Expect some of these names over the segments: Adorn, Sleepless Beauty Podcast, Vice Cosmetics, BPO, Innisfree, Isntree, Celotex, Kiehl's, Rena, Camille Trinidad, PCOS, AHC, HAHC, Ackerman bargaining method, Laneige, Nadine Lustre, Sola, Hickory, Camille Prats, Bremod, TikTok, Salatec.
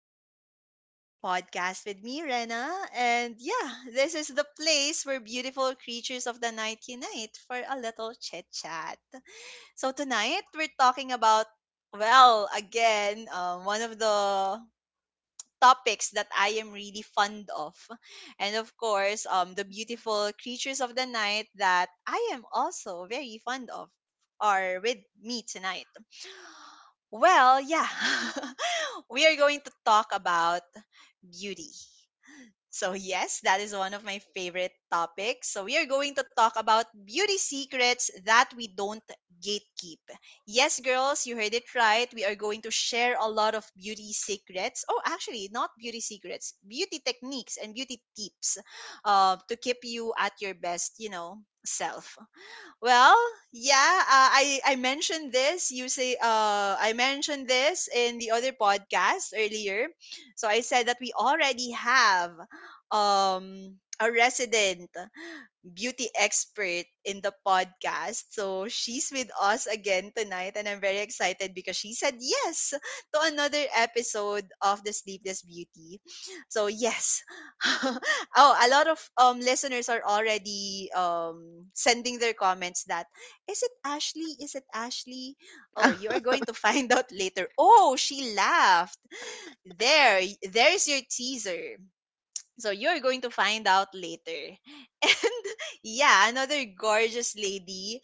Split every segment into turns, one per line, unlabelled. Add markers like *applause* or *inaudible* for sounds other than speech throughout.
to the Sleepless Beauty Podcast with me, Rena. And yeah, this is the place where beautiful creatures of the night unite for a little chit chat. So tonight we're talking about, well, again, one of the topics that I am really fond of. And of course, the beautiful creatures of the night that I am also very fond of are with me tonight. Well, yeah. *laughs* We are going to talk about beauty. So yes, that is one of my favorite topics. So we are going to talk about beauty secrets that we don't gatekeep. Yes, girls, you heard it right. We are going to share a lot of beauty secrets. Oh, actually, not beauty secrets, beauty techniques and beauty tips to keep you at your best, you know, self. Well, yeah, I mentioned this. You say I mentioned this in the other podcast earlier. So I said that we already have a resident beauty expert in the podcast. So she's with us again tonight, and I'm very excited because she said yes to another episode of the Sleepless Beauty. So yes, *laughs* oh, a lot of listeners are already sending their comments that is it Ashley? Is it Ashley? Oh, you are
*laughs*
going to find *laughs* out later. Oh, she laughed. There's your teaser. So you're going to find out later. *laughs* And yeah, another gorgeous lady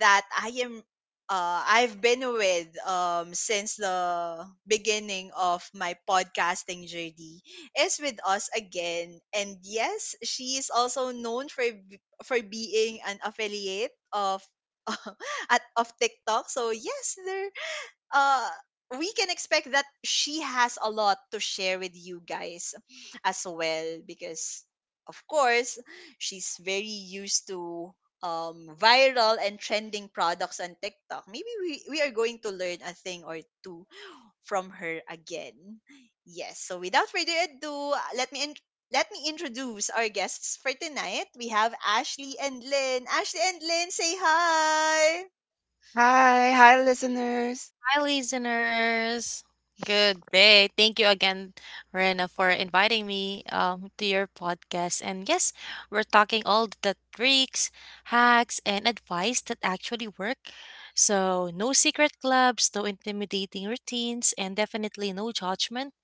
that I am I've been with since the beginning of my podcasting journey is with us again. And yes, she is also known for for being an affiliate of *laughs* at of TikTok. So yes, there uh we can expect that she has a lot to share with you guys as well because of course she's very used to viral and trending products on TikTok. Maybe we are going to learn a thing or two from her again. Yes, so without further ado, let me introduce our guests for tonight. We have Ashley and Lynn. Ashley and Lynn, say hi.
Hi, hi, listeners.
Hi, listeners. Good day. Thank you again, Rena, for inviting me to your podcast. And yes, we're talking all the tricks, hacks, and advice that actually work. So, no secret clubs, no intimidating routines, and definitely no judgment.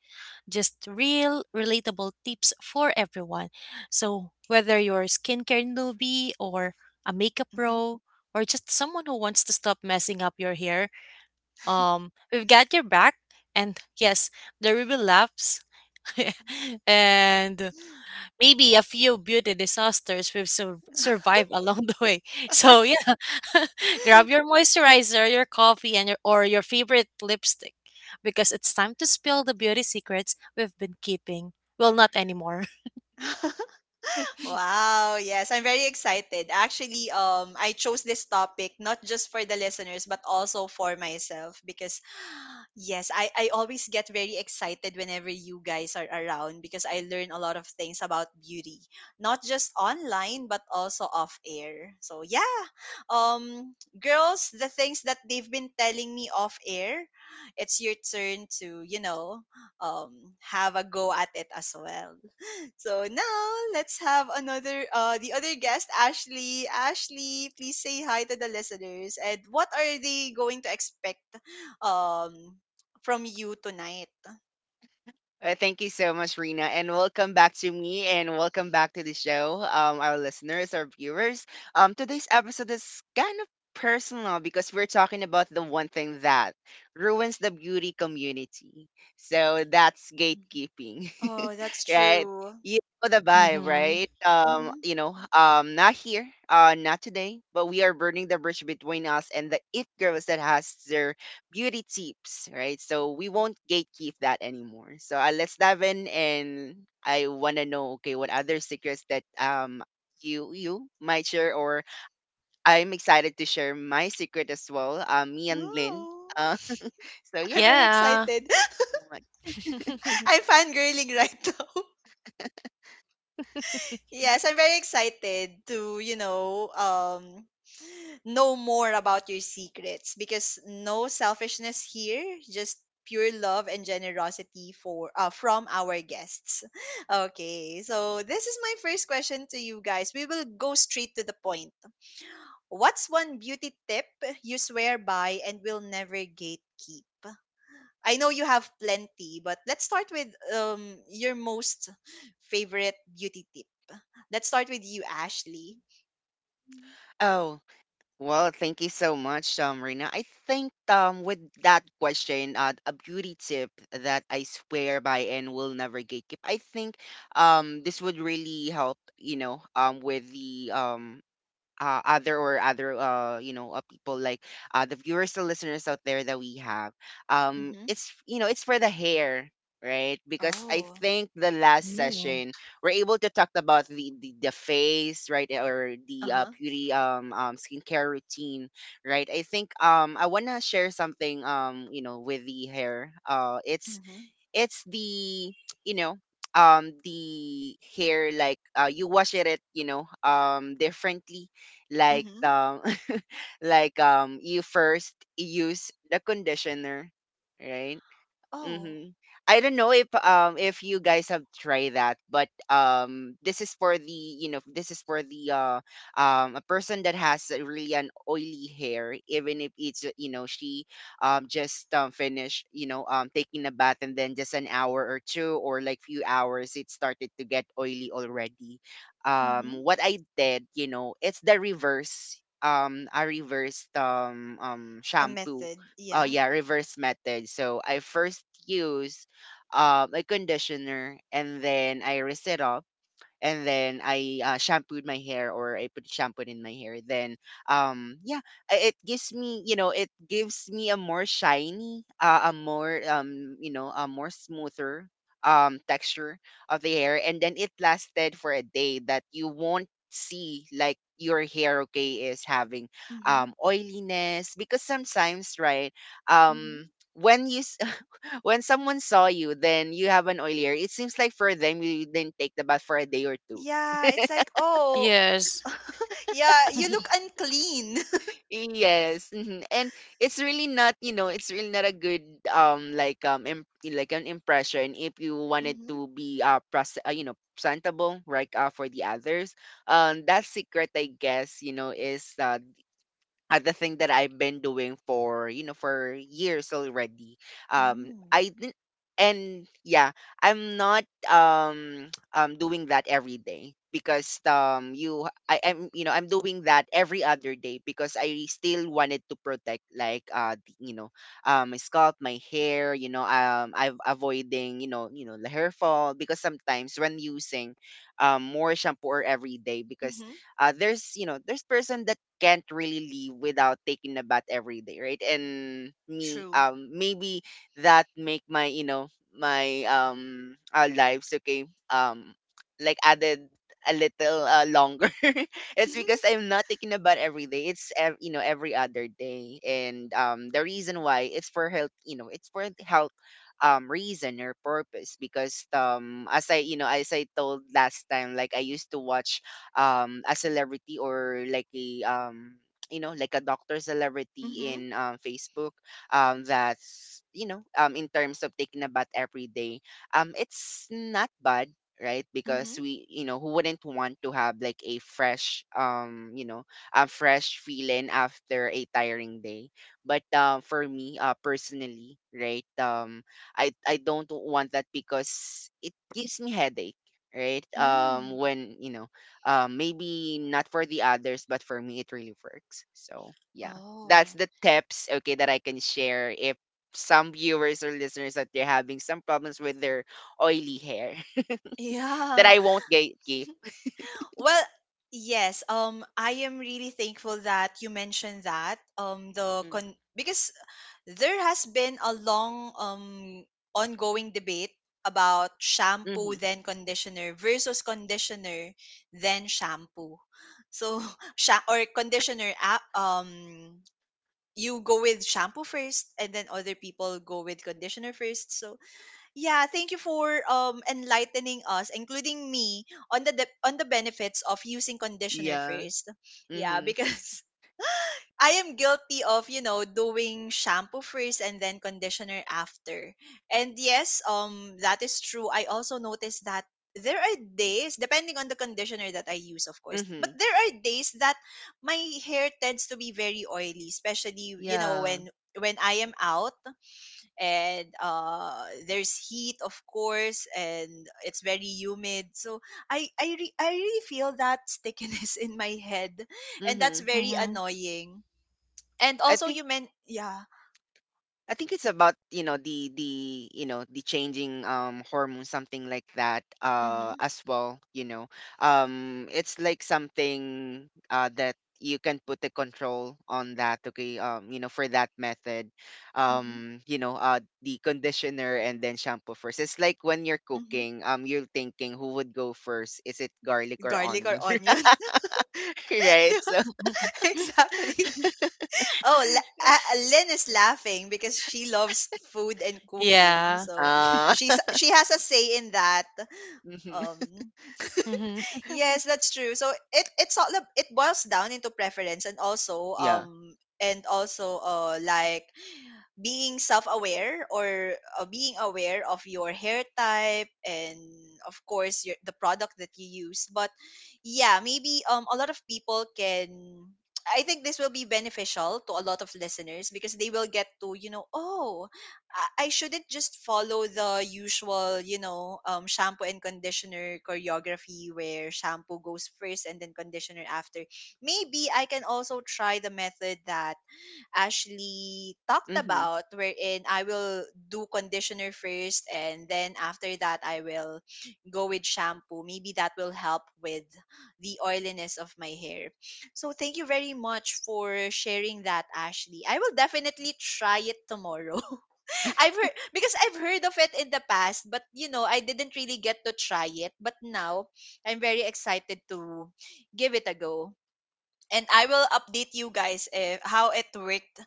Just real, relatable tips for everyone. So, whether you're a skincare newbie or a makeup pro, or just someone who wants to stop messing up your hair, we've got your back, and yes, there will be laughs *laughs* and maybe a few beauty disasters we've survived *laughs* along the way. So yeah, *laughs*
Mhm.
grab your moisturizer, your coffee, and your favorite lipstick because it's time to spill the beauty secrets we've been keeping. Well, not anymore.
*laughs*
*laughs*
Wow, yes, I'm very excited. Actually, I chose this topic not just for the listeners but also for myself because *gasps* *sighs* yes, I always get very excited whenever you guys are around because I learn a lot of things about beauty, not just online but also off air. So yeah. Um, girls, the things that they've been telling me off air, it's your turn to, you know, have a go at it as well. So now let's have another the other guest, Ashley. Ashley, please say hi to the listeners. And what are they going to expect um from you tonight?
Thank you so much, Rena, and welcome back to me, and welcome back to the show, our listeners, our viewers. Today's episode is kind of personal because we're talking about the one thing that ruins the beauty community. So that's
Mhm.
gatekeeping,
Oh, that's
right?
true.
You know the vibe,
Mm-hmm.
right?
Mm-hmm.
Not here, not today, but we are burning the bridge between us and the it girls that has their beauty tips, right? So we won't gatekeep that anymore. So let's dive in, and I wanna know, okay, what other secrets that you might share, or I'm excited to share my secret as well. Me and Lynn.
Wow.
Uh, *laughs* so
*laughs* I'm
yeah.
very
Yeah.
excited. *laughs* I'm
*laughs*
fangirling right now. *laughs* Yes, I'm very excited to, you know more about your secrets because no selfishness here, just pure love and generosity for from our guests. *laughs* Okay, so this is my first question to you guys. We will go straight to the point. What's one beauty tip you swear by and will never gatekeep? I know you have plenty, but let's start with your most favorite beauty tip. Let's start with you, Ashley.
Oh, well, thank you so much, Rina. I think with that question, a beauty tip that I swear by and will never gatekeep. I think this would really help, with the, other, people like the listeners out there that we have.
Mm-hmm.
It's you know it's for the hair, right? Because I
Oh.
think the last
Mm.
session we're able to talk about the face, right? Or the
Uh.
beauty skincare routine, right? I think I want to share something with the hair. It's
Mhm,
it's the you know um the hair. Like, you wash it, differently. like
mhm.
um *laughs* like you first use the conditioner, right?
Oh,
Mm-hmm. I don't know if you guys have tried that, but this is for the you know this is for the a person that has a really an oily hair, even if, it's you know she just finished, taking a bath and then just an hour or two or like few hours, it started to get oily already.
mhm.
What I did, it's the reverse a reversed
A
shampoo.
method,
Oh
yeah.
yeah, reverse method. So I first use a conditioner and then I rinse it off, and then I shampooed my hair, or I put shampoo in my hair. Then, yeah, it gives me, a more shiny, a more, a more smoother texture of the hair, and then it lasted for a day that you won't see like your hair, okay, is having
Mhm,
oiliness, because sometimes, right, um
mhm.
when you *laughs* when someone saw you, then you have an oily hair. It seems like for them you didn't take the bath for a day or two.
Yeah, it's like, oh,
Yes.
*laughs* yeah, you look unclean. *laughs*
Yes. Mhm. And it's really not a good, like, an impression if you wanted
Mhm,
to be, presentable, right, for the others. That secret, I guess, is, the thing that I've been doing for, for years already.
mm,
I didn't, and yeah, I'm not, *tsk* doing that every day, because you I am you know I'm doing that every other day because I still wanted to protect, like, my scalp, my hair, I'm avoiding, the hair fall, because sometimes when using more shampoo or every day, because,
mhm.
there's you know there's person that can't really leave without taking a bath every day, right? And me,
True.
maybe that make, my you know my our lives, okay, like, added a little longer. *laughs* It's because
*laughs*
I'm not taking a bath every day. It's, every other day, and, the reason why, it's for health reason or purpose, because as I told last time, like, I used to watch a celebrity or like a, like a doctor celebrity
Mhm,
in, Facebook, that's you know in terms of taking a bath every day, it's not bad, right? Because,
mhm,
we you know who wouldn't want to have, like, a fresh, a fresh feeling after a tiring day. But for me, personally, right, I don't want that because it gives me headache, right,
mm.
when you know maybe not for the others, but for me, it really works. So, yeah, that's
Oh,
the tips, okay, that I can share if some viewers or listeners that they're having some problems with their oily hair *laughs* that
yeah.
I won't gatekeep.
Well, yes. I am really thankful that you mentioned that. Because there has been a long ongoing debate about shampoo
Mm-hmm.
then conditioner versus conditioner then shampoo. So, *laughs* sha- or conditioner a- um you go with shampoo first and then other people go with conditioner first. So yeah, thank you for enlightening us, including me, on on the benefits of using conditioner
Yeah.
first. Yeah,
Mm-hmm.
because *laughs* I am guilty of, you know, doing shampoo first and then conditioner after. And yes, that is true. I also noticed that there are days depending on the conditioner that I use, of course. But
Mm-hmm.
there are days that my hair tends to be very oily, especially, you know,
Yeah.
when I am out and there's heat of course and it's very humid, so I really feel that stickiness *laughs* in my head, and that's
Mm-hmm.
very
Mm-hmm.
annoying. And
I
also
think
you meant, yeah.
I think it's about, you know, the changing hormone, something like that,
Mm-hmm,
as well. It's like something that you can put a control on that, okay? For that method.
mm-hmm,
The conditioner and then shampoo first. It's like when you're
mm-hmm.
cooking, you're thinking, who would go first? Is it garlic or
Garlic or
onion?
onion.
*laughs*
*laughs*
Right?
Yeah,
So
*laughs*
exactly. Oh, Lynn is laughing because she loves food and cooking,
Yeah.
so
uh *laughs*
she has a say in that.
mhm.
Um,
Mm-hmm.
yes, that's true. So it it's all ab- it boils down into preference
Yeah.
and also like being self-aware, or being aware of your hair type and of course your the product that you use. But yeah, maybe a lot of people can— I think this will be beneficial to a lot of listeners because they will get to, you know, oh, I shouldn't just follow the usual, you know, shampoo and conditioner choreography where shampoo goes first and then conditioner after. Maybe I can also try the method that Ashley talked
Mhm.
about, wherein I will do conditioner first and then after that I will go with shampoo. Maybe that will help with the oiliness of my hair. So thank you very much for sharing that, Ashley. I will definitely try it tomorrow. *laughs* I've heard, because I've heard of it in the past, but you know, I didn't really get to try it. But now I'm very excited to give it a go. And I will update you guys if how it worked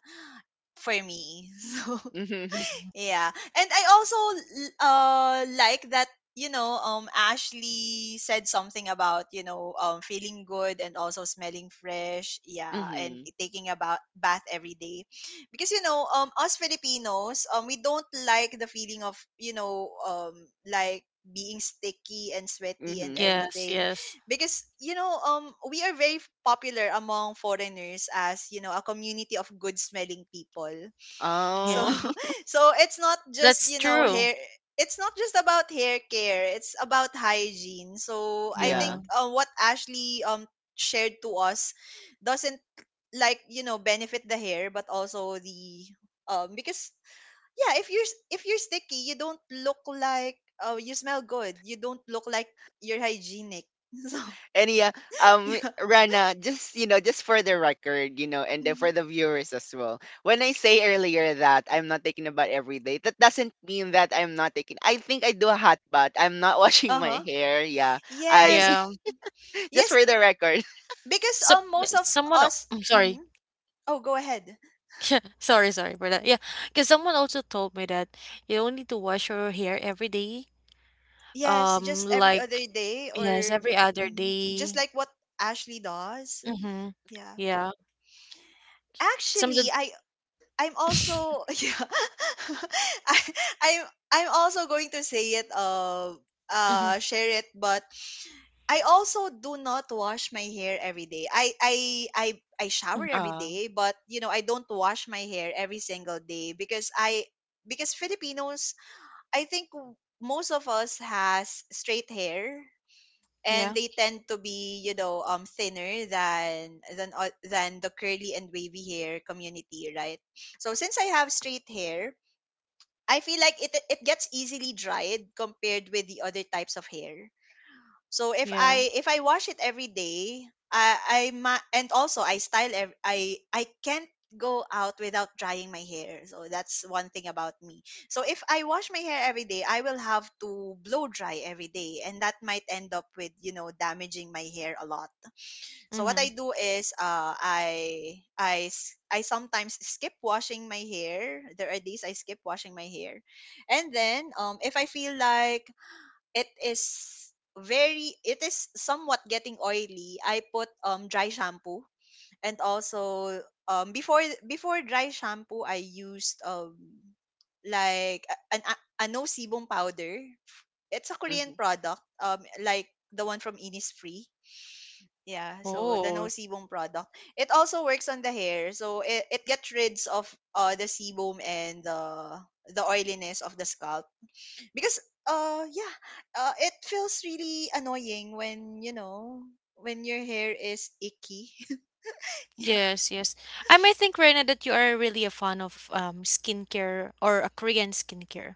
for me. *laughs* So
Mhm. *laughs*
yeah. And I also like that, you know, Ashley said something about, you know, feeling good and also smelling fresh, yeah, and
Mhm.
taking a bath every day, because, you know, us Filipinos, we don't like the feeling of, you know, like being sticky and sweaty and
Mhm.
Yes,
everything,
yes.
because, you know, we are very popular among foreigners as, you know, a community of good smelling people. So
Oh,
Yeah.
*laughs*
*laughs* so it's not just,
That's
you know,
true.
hair— it's not just about hair care, it's about hygiene. So I
yeah.
think
Yeah.
what Ashley shared to us doesn't, like, you know, benefit the hair but also the— um, because yeah, if you're sticky, you don't look like— you smell good. You don't look like you're hygienic. *laughs* So
And yeah,
yeah.
Rana, just for the record, and then for
Hmm.
the viewers as well. When I say earlier that I'm not taking a bath every day, that doesn't mean that I'm not taking. I think I do a hot bath. I'm not *laughs* washing my
Uh-huh.
hair. Yeah,
Yes.
I
Yeah.
*laughs* just
Yes,
for the record. *laughs*
because
So
most of us—
I'm
Mhm.
sorry.
Oh, go ahead.
*laughs* Sorry for that. Yeah, because someone also told me that you don't need to wash your hair every day.
Yes,
Um,
just every
like
other day,
yes,
or
every other
mhm, just
day.
like what Ashley does.
Mm-hmm.
Yeah.
Yeah. Some of
Actually,
the.
I'm also
*laughs*
*laughs* yeah. *laughs* I I'm I'm also going to say it
Mhm,
share it, but I also do not wash my hair every day. I I shower
mhm.
every
Uh,
day, but you know I don't wash my hair every single day because I because Filipinos, I think most of us has straight hair, and
Yeah.
they tend to be, you know, thinner than than the curly and wavy hair community, right? So since I have straight hair, I feel like it gets easily dried compared with the other types of hair. So
Yeah.
if I wash it every day, and also I can't go out without drying my hair. So that's one thing about me. So if I wash my hair every day, I will have to blow dry every day, and that might end up with, you know, damaging my hair a lot. So what
Mm-hmm.
I do is I sometimes skip washing my hair. There are days I skip washing my hair. And then if I feel like it is very it is somewhat getting oily, I put dry shampoo, and also um before before dry shampoo I used like a no sebum powder. It's a
mhm.
Korean product, like the one from Innisfree. Yeah, so the no
Oh.
sebum product, it also works on the hair, so it gets rid of the sebum and the oiliness of the scalp, because uh yeah it feels really annoying when, you know, when your hair is icky. *laughs* Yeah,
Yes, yes. I may think, Reina, that you are really a fan of skincare or a Korean skincare.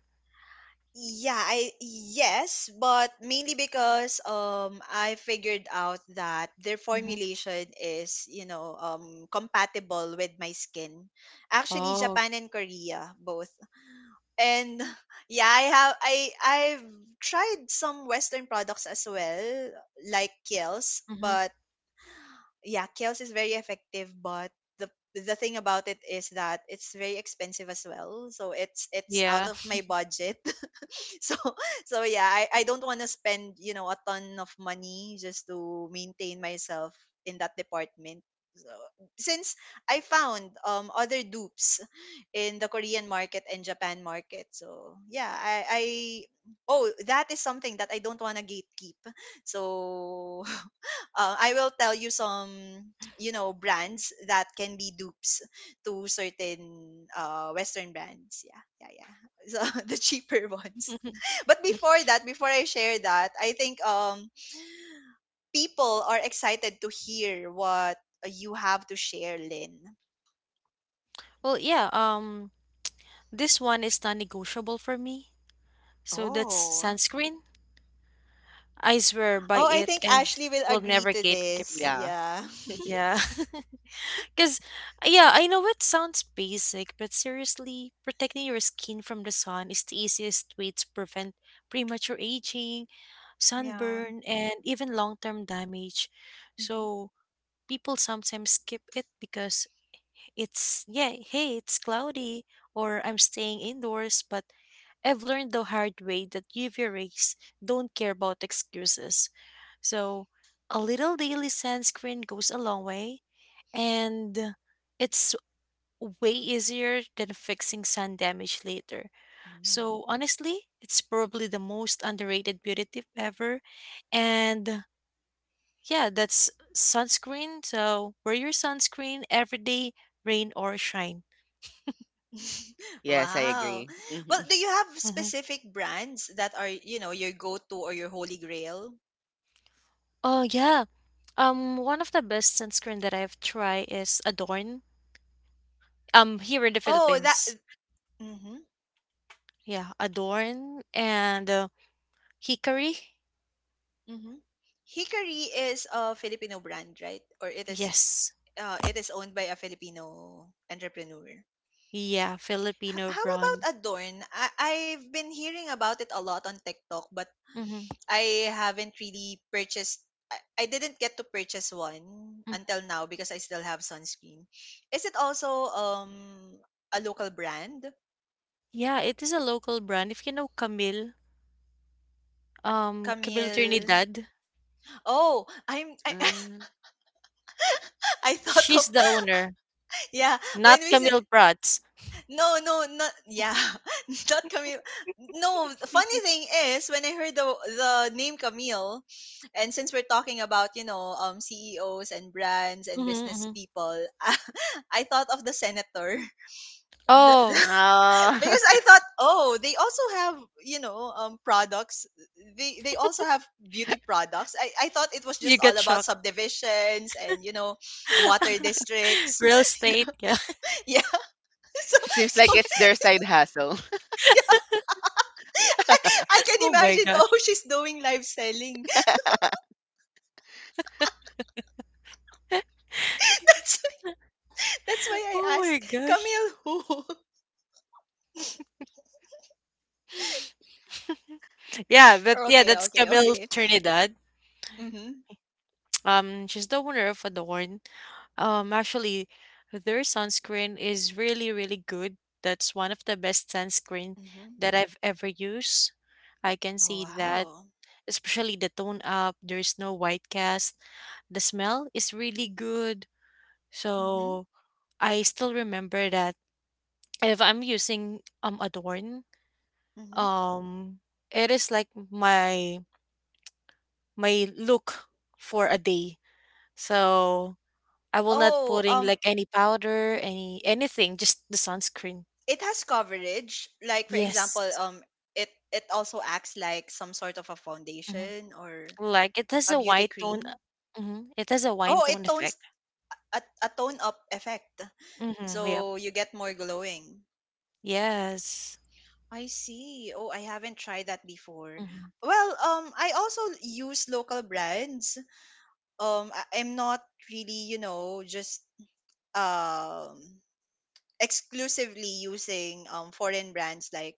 yeah, I yes, but mainly because I figured out that their
Mm-hmm.
formulation is, you know, compatible with my skin. Actually
Oh.
Japan and Korea both. And *laughs* yeah, I have I I've tried some Western products as well, like Kiehl's.
Mm-hmm.
But yeah, Kels is very effective, but the the thing about it is that it's very expensive as well. So it's out
Yeah.
of my budget. *laughs* So so yeah, I don't want to spend, you know, a ton of money just to maintain myself in that department. So, since I found other dupes in the Korean market and Japan market. So yeah, I oh, that is something that I don't wanna gatekeep. So *laughs* I will tell you some *tsk* you know brands that can be dupes to certain Western brands. Yeah, yeah, yeah. *laughs* So the cheaper ones.
*laughs*
*laughs* But before that, before I share that, I think people are excited to hear what you have to share, Lynn.
Well, yeah, this one is non-negotiable for me. So that's
Oh,
sunscreen. I swear by
oh, I
it
think
and
Ashley will
will
agree
never
to
gatekeep
this.
it.
Yeah.
Yeah,
Yeah. *laughs* Because, yeah, I know it sounds basic, but seriously, protecting your skin from the sun is the easiest way to prevent premature aging,
*laughs* yeah.
sunburn, and even long term damage. So, people sometimes skip it because it's yeah, hey, it's cloudy or I'm staying indoors, but I've learned the hard way that UV rays don't care about excuses. So a little daily sunscreen goes a long way, and it's way easier than fixing sun damage later.
Mhm.
So honestly, it's probably the most underrated beauty tip ever, and yeah, that's sunscreen. So wear your sunscreen every day, rain or shine.
*laughs*
Yes, I
Wow.
agree. Mm-hmm.
Well, do you have
Mhm.
specific brands that are, you know, your go-to or your holy grail?
Oh yeah. One of the best sunscreen that I've tried is Adorn. Here in the
Oh, that.
Philippines.
Mm-hmm,
Yeah, Adorn and Hickory.
mm-hmm. Hickory is a Filipino brand, right? Or
Yes.
it is owned by a Filipino entrepreneur.
Yeah,
H-
Filipino
how
brand.
about Adorn? I've been hearing about it a lot on TikTok, but
Mm-hmm.
I haven't really purchased, I didn't get to purchase one
Mm-hmm.
until now because I still have sunscreen. Is it also a local brand?
Yeah, it is a local brand. If you know Camille, Camille
Camille.
Trinidad,
Oh,
Mm.
*laughs* I thought
she's
of
the owner,
*laughs* yeah, when
not
we say
Camille Prats.
no, no, not yeah, *laughs* not Camille. No, the funny
*laughs*
thing is when I heard the name Camille, and since we're talking about, you know, CEOs and brands and
Mm-hmm,
business
hmm.
people, *laughs* I thought of the senator. Th-
Oh,
*laughs*
Oh,
because I thought, oh, they also have, you know, products. They also have beauty products. I thought it was
*laughs* you
just all
got
about
shocked.
subdivisions and, you know, water
*laughs*
districts.
Real estate, yeah.
*laughs* Yeah. *laughs* So
*laughs* it seems
so
like it's their side hustle.
*laughs* yeah, I, I
*laughs*
can
Oh my
imagine.
gosh.
Oh, she's doing live selling. *laughs*
*laughs*
*laughs*
That's that's why
Oh
I
my
asked
gosh.
Camille who. *laughs*
*laughs* Yeah, but yeah,
Okay,
that's
okay,
Camille
okay.
Trinidad.
Mhm.
She's the owner of Adorn. Actually, their sunscreen is really, really good. That's one of the best sunscreen
Mhm.
that I've ever used. I can
Oh
see that,
wow.
especially the tone up. There's no white cast. The smell is really good.
Mhm.
So I still remember that if I'm using Adorn,
Mhm.
um, it is like my look for a day. So I will not
Oh,
putting like any powder, any anything, just the sunscreen.
it has coverage, like, for example,
Yes.
it it also acts like some sort of a
hmm.
foundation or
Like it has
a
a
beauty
white tone.
cream.
Mm-hmm. It has a wine
Oh, it
tone
tones,
effect.
a tone up effect,
Mm-hmm. Yep.
so you get more glowing.
Yes.
I see. Oh, I haven't tried that before.
Mm-hmm.
Well, I also use local brands. I'm not really, you know, just um exclusively using foreign brands like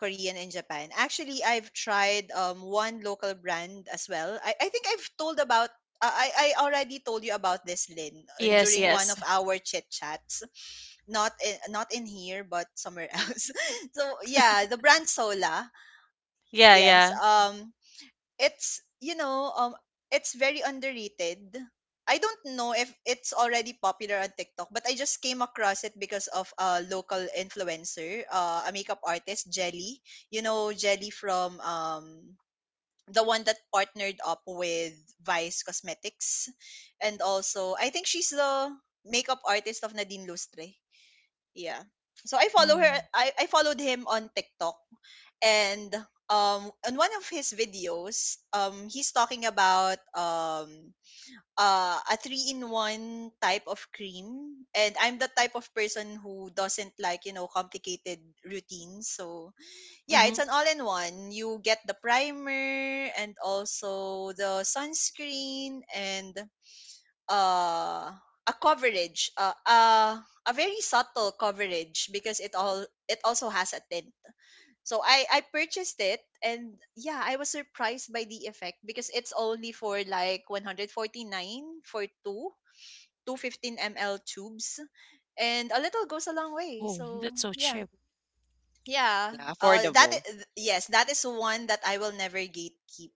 Korean and Japan. Actually, I've tried one local brand as well. I think I've told about I already told you about this, Lin, and
Yes,
during one
yes.
of our chit chats. Not in, not in here, but somewhere *laughs* else. So yeah, the brand Sola.
Yeah,
Yes.
yeah.
It's, you know, it's very underrated. I don't know if it's already popular on TikTok, but I just came across it because of a local influencer, a makeup artist Jelly. You know Jelly from the one that partnered up with Vice Cosmetics, and also I think she's the makeup artist of Nadine Lustre. Yeah. So I follow her,
Mm-hmm.
I followed him on TikTok, and on one of his videos, he's talking about a three-in-one type of cream, and I'm the type of person who doesn't like, you know, complicated routines. So, yeah, it's an all-in-one. You get the primer and also the sunscreen and uh, a coverage, a very subtle coverage because it also has a tint. So I purchased it, and yeah, I was surprised by the effect because it's only for like ₱149 for two 215 ml tubes, and a little goes a long way.
Oh,
So
that's so
yeah,
cheap.
yeah.
Yeah, affordable.
Yes, that is one that I will never gatekeep.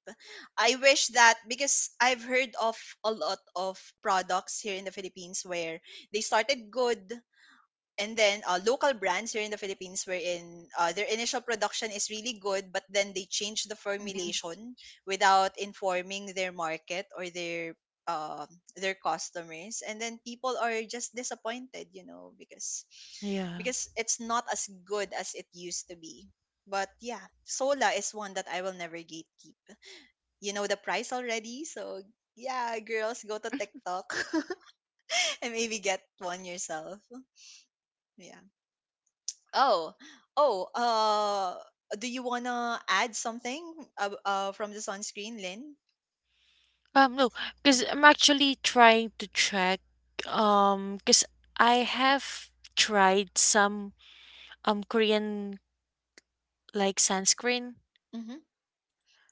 I wish that because I've heard of a lot of products here in the Philippines where they started good, and then local brands here in the Philippines, wherein their initial production is really good, but then they change the
Mhm.
formulation without informing their market or uh, their customers, and then people are just disappointed, you know,
Yeah.
because it's not as good as it used to be. But yeah, Sola is one that I will never gatekeep. You know the price already, so yeah, girls, go to TikTok *laughs* and maybe get one yourself. Yeah. Oh, oh, do you wanna add something from the sunscreen, Lynn?
No, because I'm actually trying to check, because I have tried some Korean like sunscreen.
Hmm.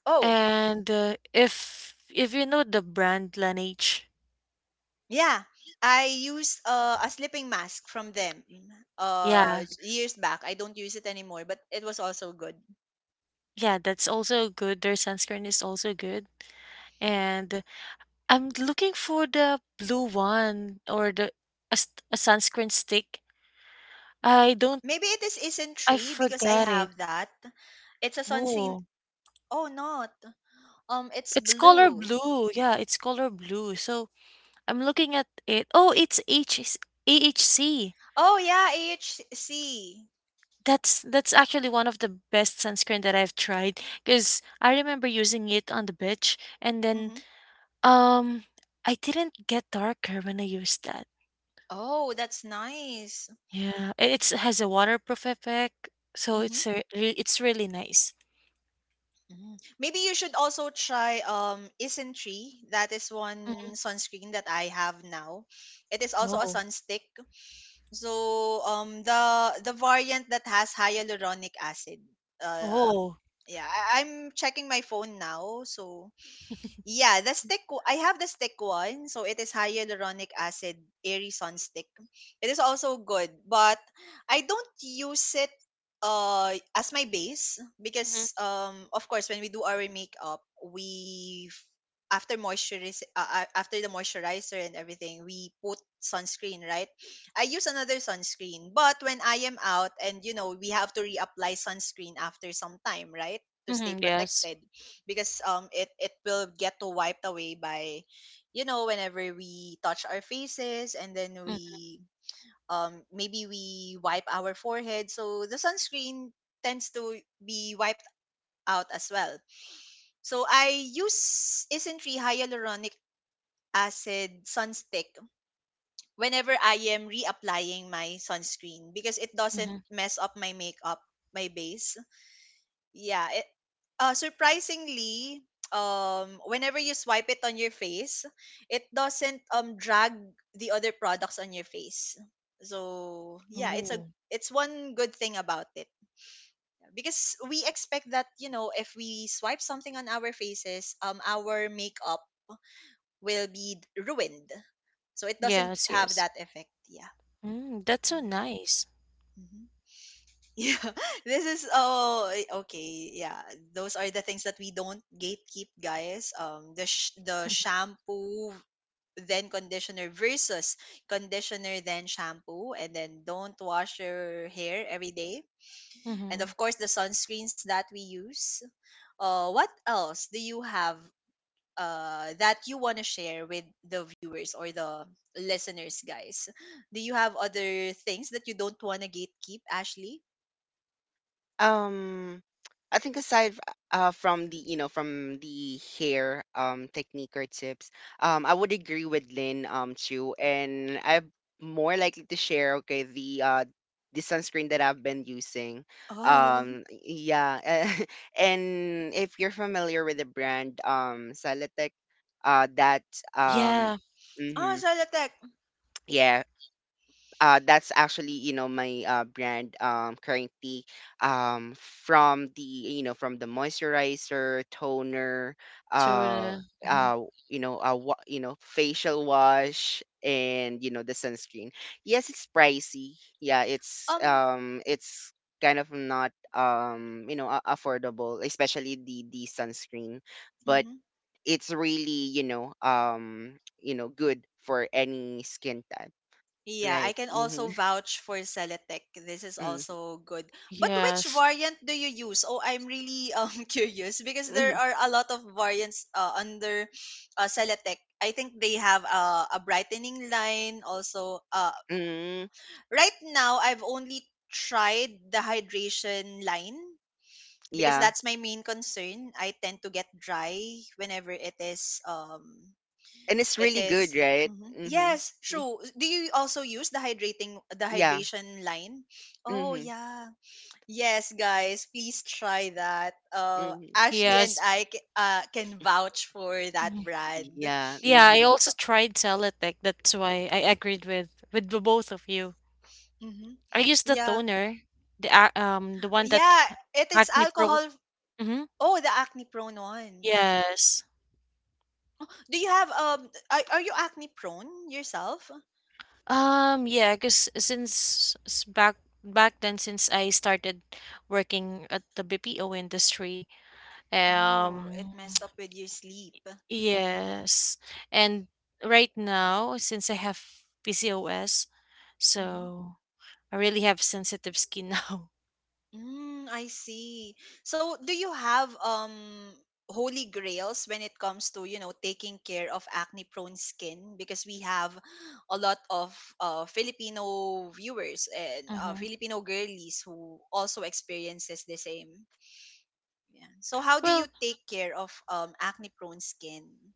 Oh,
And, if you know the brand Laneige,
yeah. I used a sleeping mask from them
yeah,
years back. I don't use it anymore, but it was also good.
yeah, that's also good. Their sunscreen is also good. And I'm looking for the blue one or a sunscreen stick. I don't,
Maybe it is isn't
I
tree because I
forget it.
have that. It's a sunscreen.
Oh,
Oh, not. It's
it's color
blue.
blue. Yeah, it's color blue. So I'm looking at it. Oh, it's HAHC.
Oh yeah, AHC.
That's actually one of the best sunscreen that I've tried because I remember using it on the beach and then
Mm-hmm.
um I didn't get darker when I used that.
Oh, that's nice.
Yeah, it's has a waterproof effect, so
Mm-hmm.
it's it's really nice.
Mm. Maybe you should also try Isntree. That is
hmm.
one sunscreen that I have now. It is also a
Oh,
sunstick. So the variant that has hyaluronic acid. Uh
oh,
yeah, I'm checking my phone now. So yeah, the stick. I have the stick one, so it is hyaluronic acid airy sun stick. It is also good, but I don't use it as my base
hmm,
because of course when we do our makeup we f- after moisturize after the moisturizer and everything we put sunscreen, right? I use another sunscreen, but when I am out, and you know we have to reapply sunscreen after some time, right, to stay
hmm, yes,
protected, because it it will get to wiped away by, you know, whenever we touch our faces and then we, maybe we wipe our forehead, so the sunscreen tends to be wiped out as well. So I use isn't hyaluronic acid sunstick whenever I am reapplying my sunscreen because it
mm-hmm.
doesn't mess up my makeup, my base. Yeah. Uh, surprisingly, whenever you swipe it on your face, it doesn't drag the other products on your face. So yeah, it's a,
Oh,
it's one good thing about it because we expect that, you know, if we swipe something on our faces, our makeup will be ruined. So it doesn't
yes,
have
yes.
that effect. Yeah.
Mm, that's so nice.
Mhm. Yeah, *laughs* this is oh eh, okay. Yeah, those are the things that we don't gatekeep, guys. The shampoo then conditioner versus conditioner then shampoo, and then don't wash your hair every day. And
hmm.
of course, the sunscreens that we use. What else do you have? That you want to share with the viewers or the listeners, guys. Do you have other things that you don't want to gatekeep, Ashley?
Um, I think aside from the you know from the hair, technique or tips, I would agree with Lynn too, and I'm more likely to share, okay, the sunscreen that I've been using.
*laughs* Oh.
Yeah, *laughs* and if you're familiar with the brand, Salatec, that, um
Yeah,
Oh,
hmm,
Celotex.
yeah, that's actually, my brand, currently, from the moisturizer, toner,
tuna.
uh,
hmm.
uh, facial wash, and the sunscreen. Yes, it's pricey. Yeah, it's,
Um,
kind of not, affordable, especially the sunscreen, but
mhm.
it's really, good for any skin type,
Yeah, I
right?
can
Mm-hmm.
also vouch for Celotex. This is
Mm,
also good. But which
Yes,
variant do you use? Oh, I'm really *laughs* curious because there
mhm,
are a lot of variants under Celotex. I think they have a brightening line also.
mm, *laughs*
Right now, I've only tried the hydration line because
yeah.
that's my main concern. I tend to get dry whenever it is
And it's
It
really good,
is.
right?
Mhm.
Mm-hmm.
Yes,
Mm-hmm.
true. Do you also use the
Yeah.
hydration line? Oh
Mm-hmm.
yeah. Yes, guys, please try that. Uh,
Mm-hmm.
Ashley and
yes.
I ca- uh, can vouch for that brand.
Yeah.
Yeah, I
Mm-hmm.
also tried Celotex. That's why I agreed with the both of you.
Hmm.
I used the
Yeah,
toner, the one that
yeah. It is
Acne Pro.
alcohol.
hmm.
Oh, the acne prone one.
Yes.
Do you have um? Are you acne prone yourself?
Yeah. Cause back back then, since I started working at the BPO industry,
Oh, it
um.
messed up with your sleep.
Yes. And right now, since I have PCOS, so I really have sensitive skin *laughs* now.
Mm, I see. So, do you have holy grails when it comes to, you know, taking care of acne-prone skin? Because we have a lot of Filipino viewers and
Mm-hmm.
Filipino girlies who also experiences the same. Yeah. So, how do you
Well,
take care of acne-prone skin?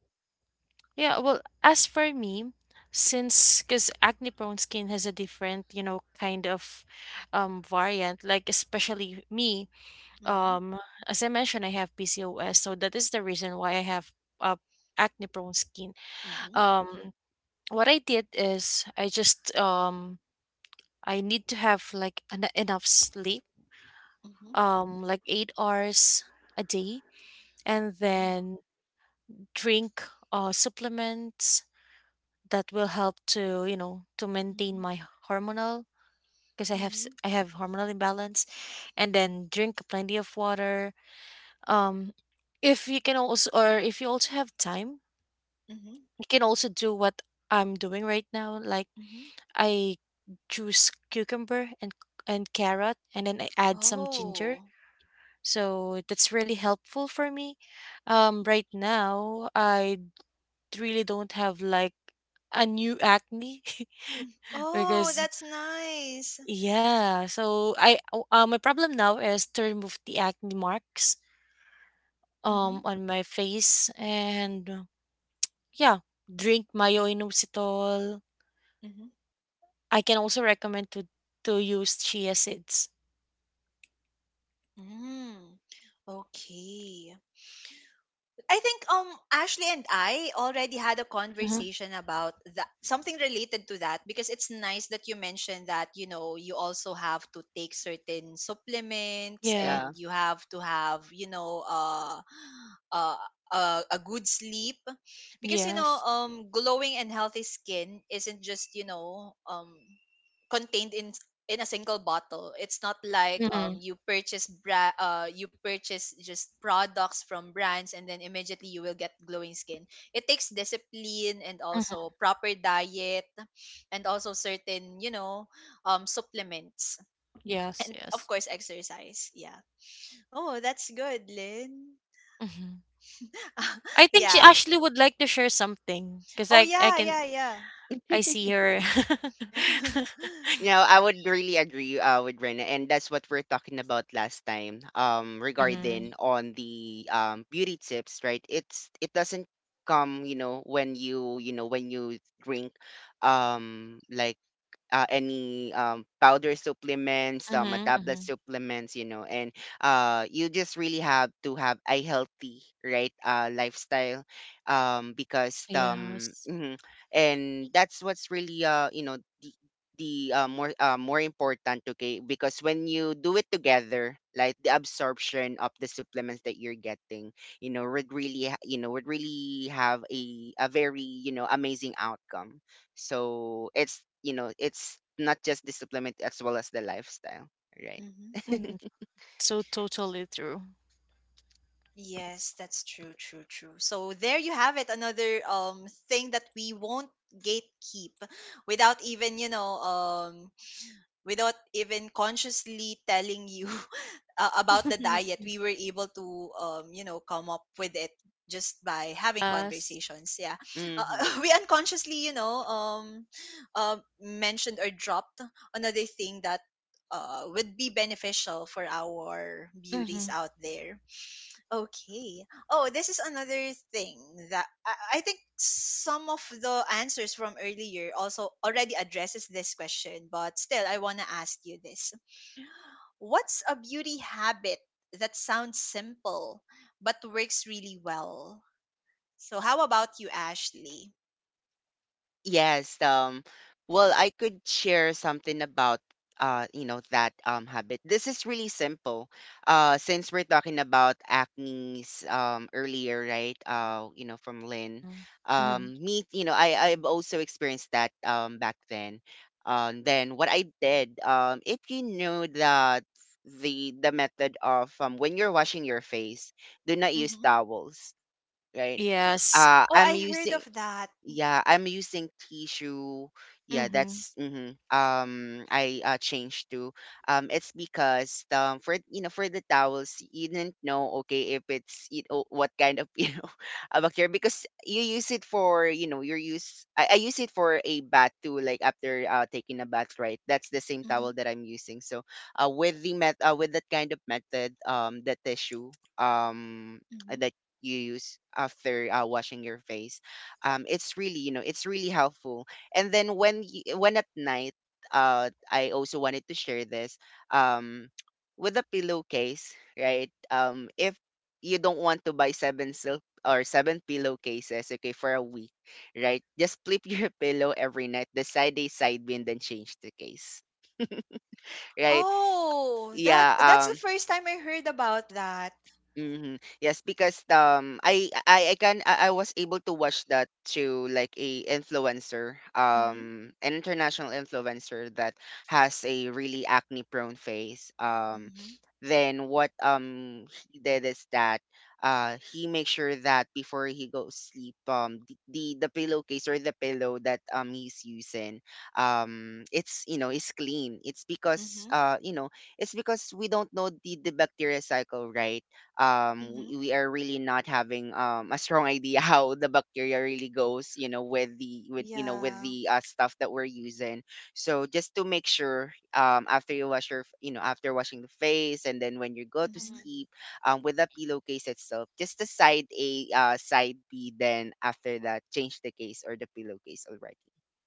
yeah, well, as for me, since because acne prone skin has a different, you know, kind of variant, like especially me,
Mm-hmm.
um, as I mentioned, I have PCOS, so that is the reason why I have uh, acne prone skin.
Mm-hmm.
Um, what I did is I need to have like enough sleep,
Mm-hmm.
8 hours a day, and
Oh.
then drink supplements that will help to you know to maintain
Mm-hmm.
my hormonal because
Mm-hmm.
I have hormonal imbalance, and then drink plenty of water. Um, if you can also or if you also have time,
Mm-hmm.
you can also do what I'm doing right now. Like
Mm-hmm.
I juice cucumber and carrot, and then I add some ginger.
Oh.
So that's really helpful for me. Right now I really don't have like a new acne
Mm.
*laughs*
Oh,
because
that's nice.
yeah, so I oh, my problem now is to remove the acne marks
Mm-hmm.
on my face and yeah, drink mayo inositol.
Mhm.
I can also recommend to use chia seeds.
Mm. Okay. I think Ashley and I already had a
hmm.
conversation about that, something related to that, because it's nice that you mentioned that, you know, you also have to take certain supplements
Yeah.
Yeah.
and you have to have, you know, uh a good sleep, because you know
Yes.
glowing and healthy skin isn't just, you know, contained in a single bottle. It's not like
Mm-hmm.
you purchase you purchase just products from brands and then immediately you will get glowing skin. It takes discipline and
hmm.
also proper diet, and also certain, you know, supplements,
Yes.
and of
Yes.
course exercise. Yeah. Oh, that's good, Lynn.
hmm. I
*laughs*
think she
Yeah.
actually would like to share something because
Oh
I
yeah,
can
yeah, yeah.
I see her. *laughs*
*laughs*
You know, I would really agree, with Rena, and that's what we're talking about last time.
Mhm.
Mm-hmm.
Regarding on the beauty tips, right? It doesn't come, you know, when you drink, like, any, powder supplements, some,
Mm-hmm.
tablet
Mm-hmm.
supplements, you know, and, you just really have to have a healthy, right, lifestyle, because,
Yes.
mhm, and that's what's really, the, more, more important, okay? Because when you do it together, like, the absorption of the supplements that you're getting, you know, would really, would really have a very, amazing outcome. So it's you know it's not just the supplement as well as the lifestyle, right?
Mhm.
*laughs*
Mm, so totally true.
Yes, that's true, true, true. So there you have it, another thing that we won't gatekeep without even, you know, without even consciously telling you *laughs* about the
*laughs*
diet. We were able to you know, come up with it just by having
Yes.
conversations. Yeah.
Mm-hmm.
*laughs* We unconsciously, you know, mentioned or dropped another thing that would be beneficial for our
Mhm.
beauties out there. Okay. Oh, this is another thing that I think some of the answers from earlier also already addresses this question, but still I want to ask you this. What's a beauty habit that sounds simple but works really well? So how about you, Ashley?
Yes, well, I could share something about, that habit. This is really simple. Since we're talking about acne's earlier, right? From Lynn.
Mm. Mhm.
Me, you know, I've also experienced that back then. Then what I did, if you know that the method of, when you're washing your face, do not use
Hmm.
towels, right?
Yes.
Oh,
I'm
I heard
using
of that.
Yeah, I'm using tissue. Yeah,
Mhm.
that's. Mm-hmm. I changed to, it's because, for, for the towels you didn't know, okay, if it's, what kind of *laughs* a bacteria, because you use it for, your use. I use it for a bath too, like after taking a bath, right? That's the same
Mm-hmm.
towel that I'm using, so with that kind of method, the tissue, um
Mm-hmm.
that you use after, washing your face, it's really helpful. And then, when at night, I also wanted to share this, um *tsk* with a pillowcase, right? If you don't want to buy seven silk or seven pillowcases, okay, for a week, right? Just flip your *laughs* pillow every night, the side A, side B, and then change the case, right?
Oh, that
Yeah.
that's the first time I heard about that.
Hmm. Yes, because, I was able to watch that to, like, a influencer,
Mhm.
an international influencer that has a really acne prone face. Um
Mhm.
then what he did is that he makes sure that before he goes sleep, the pillowcase or the pillow that he's using it's, is clean. It's because
Mhm.
it's because we don't know the bacteria cycle, right? um
Mhm.
we, we are really not having a strong idea *laughs* how the bacteria really goes, with the with you know with
Yeah.
the stuff that we're using. So just to make sure, after you wash your f- you know after washing the face, and then when you go to
Mhm.
Mhm.
sleep, with the pillowcase itself, just the side A, side B, then after that change the case or the pillowcase already.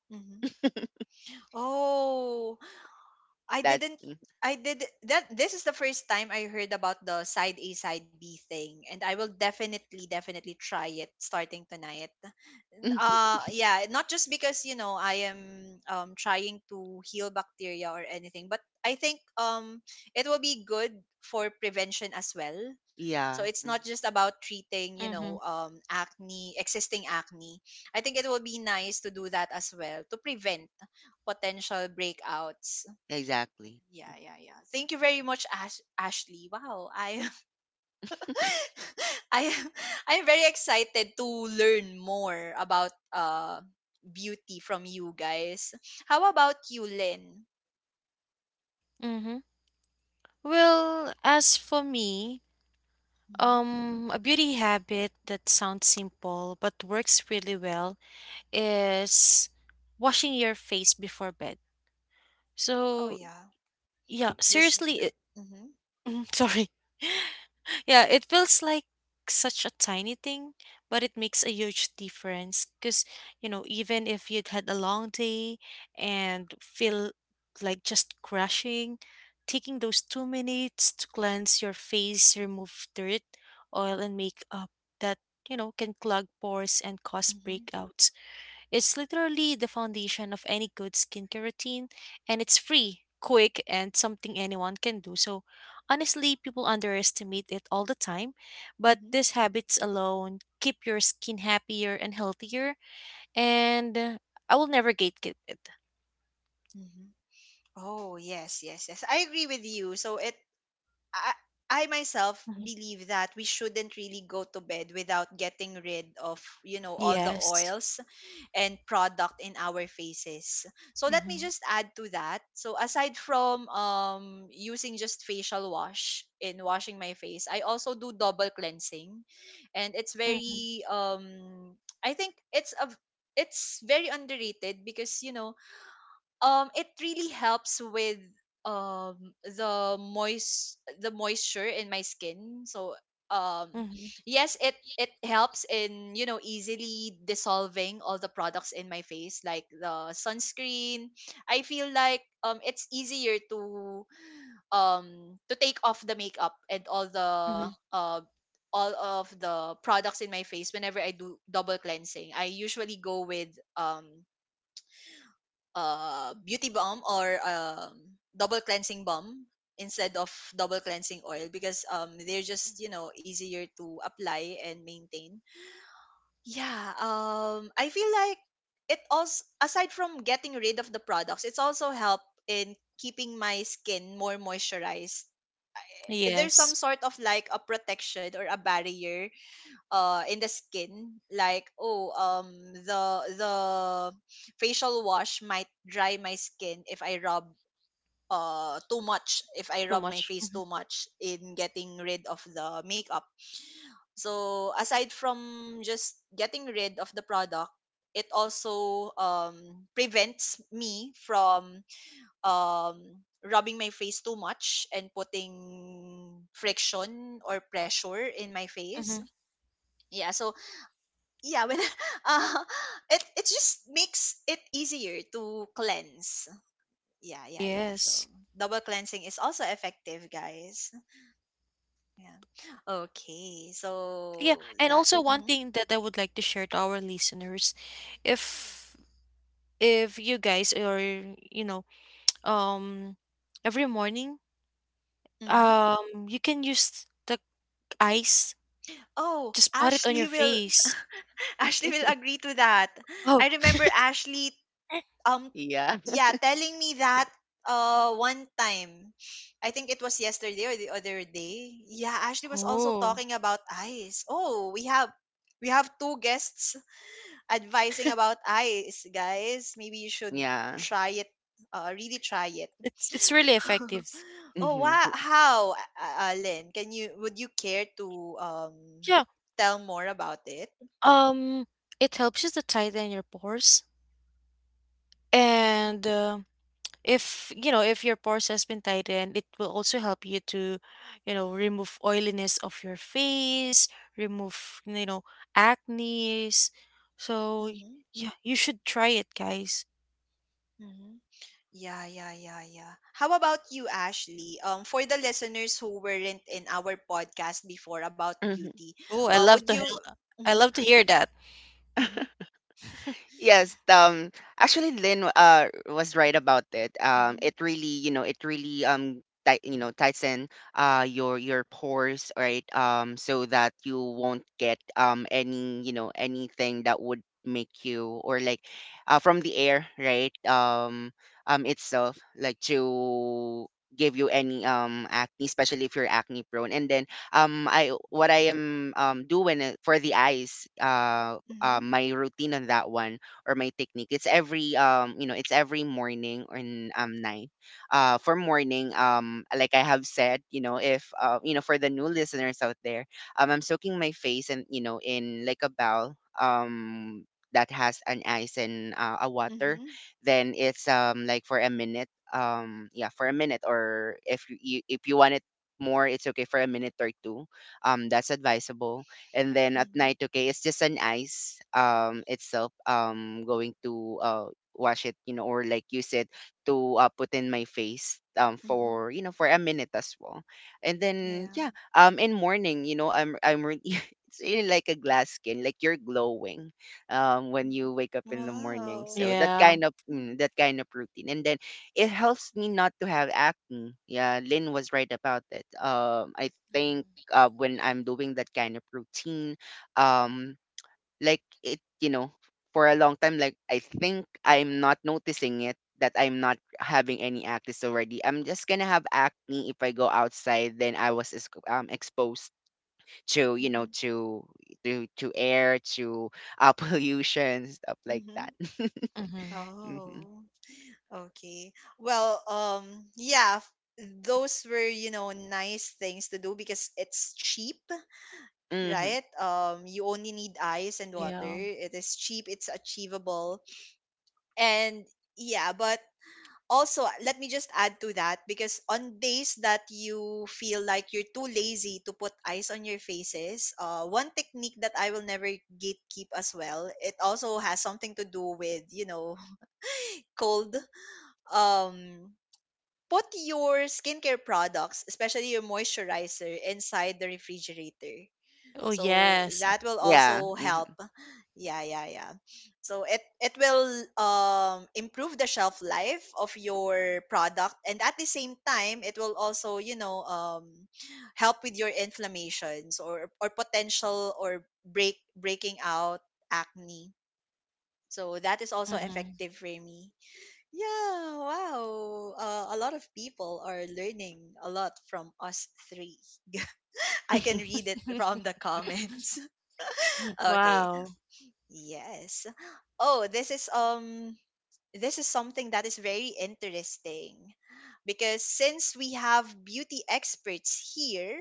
Mhm.
*laughs*
Oh, I
that
didn't
Mm.
I did that this is the first time I heard about the side A side B thing and I will definitely try it starting tonight.
Mm,
Yeah, not just because you know I am trying to heal bacteria or anything, but I think it will be good for prevention as well. So
yeah.
it's
Mm,
not just about treating, you know,
Mhm.
acne, existing acne. I think it will be nice to do that as well to prevent potential breakouts,
exactly.
yeah, yeah, yeah. Thank you very much, Ashley. Wow, I am, *laughs* I am, I am very excited to learn more about beauty from you guys. How about you, Lynn?
Mhm. Well, as for me,
Hmm.
a beauty habit that sounds simple but works really well is washing your face before bed.
Oh
So,
yeah,
yeah,
just.
seriously,
Mm-hmm,
*laughs* sorry. *laughs* Yeah, it feels like such a tiny thing, but it makes a huge difference because, you know, even if you'd had a long day and feel like just crashing, taking those 2 minutes to cleanse your face, remove dirt, oil, and makeup that, you know, can clog pores and cause
mm-hmm,
breakouts. It's literally the foundation of any good skincare routine, and it's free, quick, and something anyone can do. So, honestly, people underestimate it all the time, but
mm-hmm,
these habits alone keep your skin happier and healthier, and I will never gatekeep it.
mm-hmm. Oh yes, yes, yes. I agree with you. I, I myself
Mhm.
believe that we shouldn't really go to bed without getting rid of, you know, all the
Yes.
oils and product in our faces. So let me
Mm-hmm.
just add to that. So aside from using just facial wash in washing my face, I also do double cleansing, and it's
Mm-hmm.
very I think it's a it's very underrated because, you know, it really helps with the moisture in my skin. So um
Mm-hmm.
yes, it helps in, you know, easily dissolving all the products in my face like the sunscreen. I feel like it's easier to take off the makeup and all the
Mm-hmm.
uh all of the products in my face. Whenever I do double cleansing, I usually go with um beauty balm or double cleansing balm instead of double cleansing oil because they're just, you know, easier to apply and maintain. Yeah, I feel like it also, aside from getting rid of the products, it's also help in keeping my skin more moisturized. There's some
Yes.
sort of like a protection or a barrier in the skin, like oh the the facial wash might dry my skin if I rub too much, if I
Too
rub my
much.
face
Mhm.
too much in getting rid of the makeup. So aside from just getting rid of the product, it also prevents me from um rubbing my face too much and putting friction or pressure in my face.
Mhm.
Yeah, so yeah, when *laughs* uh it just makes it easier to cleanse. Yeah, yeah, yeah. So
Yes.
double cleansing is also effective, guys. Yeah. Okay,
Yeah,
so
and
that.
also one
Hmm.
thing that I would like to share to our listeners, if if you guys or you know um every morning
Hmm.
you can use the ice,
Oh,
just put it on your
Ashley will
face.
*laughs* Ashley will agree to that.
Oh,
I remember Ashley, um
Yeah.
yeah, telling me that one time, I think it was yesterday or the other day. Yeah, Ashley was also
oh,
talking about eyes. Oh, we have, we have 2 guests *laughs* advising about eyes, guys. Maybe you
*laughs*
should
Yeah.
try it, really try it.
it's really
*laughs*
effective.
Oh
Hmm.
wow, how Lynn, can you, would you care to
Yeah,
tell more about it?
um, it helps you to tighten your pores,
Mm-hmm.
and if you know if your pores has been tightened, it will also help you to you know remove oiliness of your face, remove you know acne's. so y-
Mm-hmm.
yeah, you should try it, guys.
Mm-hmm. Yeah, yeah, yeah, yeah. How about you, Ashley? For the listeners who weren't in our podcast before about beauty,
Oh, I
would
love to
you?
hear, I
Mm-hmm,
love to hear that.
mm-hmm,
*laughs*
Yes, actually Lynn was right about it. It really, tighten your pores, right? So that you won't get any, anything that would make you, or like from the air, right? Itself, like, to give you any acne, especially if you're acne prone. And then I what I am doing, for the eyes
mm-hmm,
my routine on that one, or my technique. It's every you know it's every morning and night. For morning, like I have said, if, for the new listeners out there, I'm soaking my face, and, in like a bowl um that has an ice and, a water.
mm-hmm,
Then it's, like, for a minute. Yeah, for a minute, or if if you want it more, it's okay for a minute or two. That's advisable. And then
mm-hmm,
at
mm-hmm,
night, okay, it's just an ice, itself, going to wash it, or like you said, to put in my face
mm-hmm.
for you know for a minute as well. And then,
Yeah.
yeah, in morning, *laughs* it's really like a glass skin, like you're glowing when you wake up
Mm-hmm.
in the morning.
Wow.
So that
Yeah.
kind of mm, that kind of routine. And then it helps me not to have acne. Yeah, Lynn was right about it, I think, when I'm doing that kind of routine. Um, like, for a long time, like, I think I'm not noticing it, that I'm not having any acne already. I'm just gonna have acne if I go outside. Then I was exposed to,
Mm-hmm,
to air, to *laughs* pollution, stuff like
mm-hmm.
that. *laughs*
hmm.
Hmm.
Oh. Okay. Well, yeah, those were, you know, nice things to do because it's cheap,
Hmm.
right? You only need ice and water.
Yeah.
It is cheap, it's achievable. And yeah, but also, let me just add to that because on days that you feel like you're too lazy to put ice on your faces, one technique that I will never gatekeep as well, it also has something to do with, you know, *laughs* cold. Um, put your skincare products, especially your moisturizer, inside the refrigerator,
Oh,
so
yes.
that will
Yeah.
also help. *laughs* Yeah, yeah, yeah. So it will improve the shelf life of your product, and at the same time it will also, you know, help with your inflammations or potential or breaking out acne. So that is also
Mhm.
effective for me. Yeah, wow, a lot of people are learning a lot from us 3. *laughs* I can read it from the
*laughs*
comments. *laughs* Okay.
Wow.
Yes. Oh, this is something that is very interesting, because since we have beauty experts here,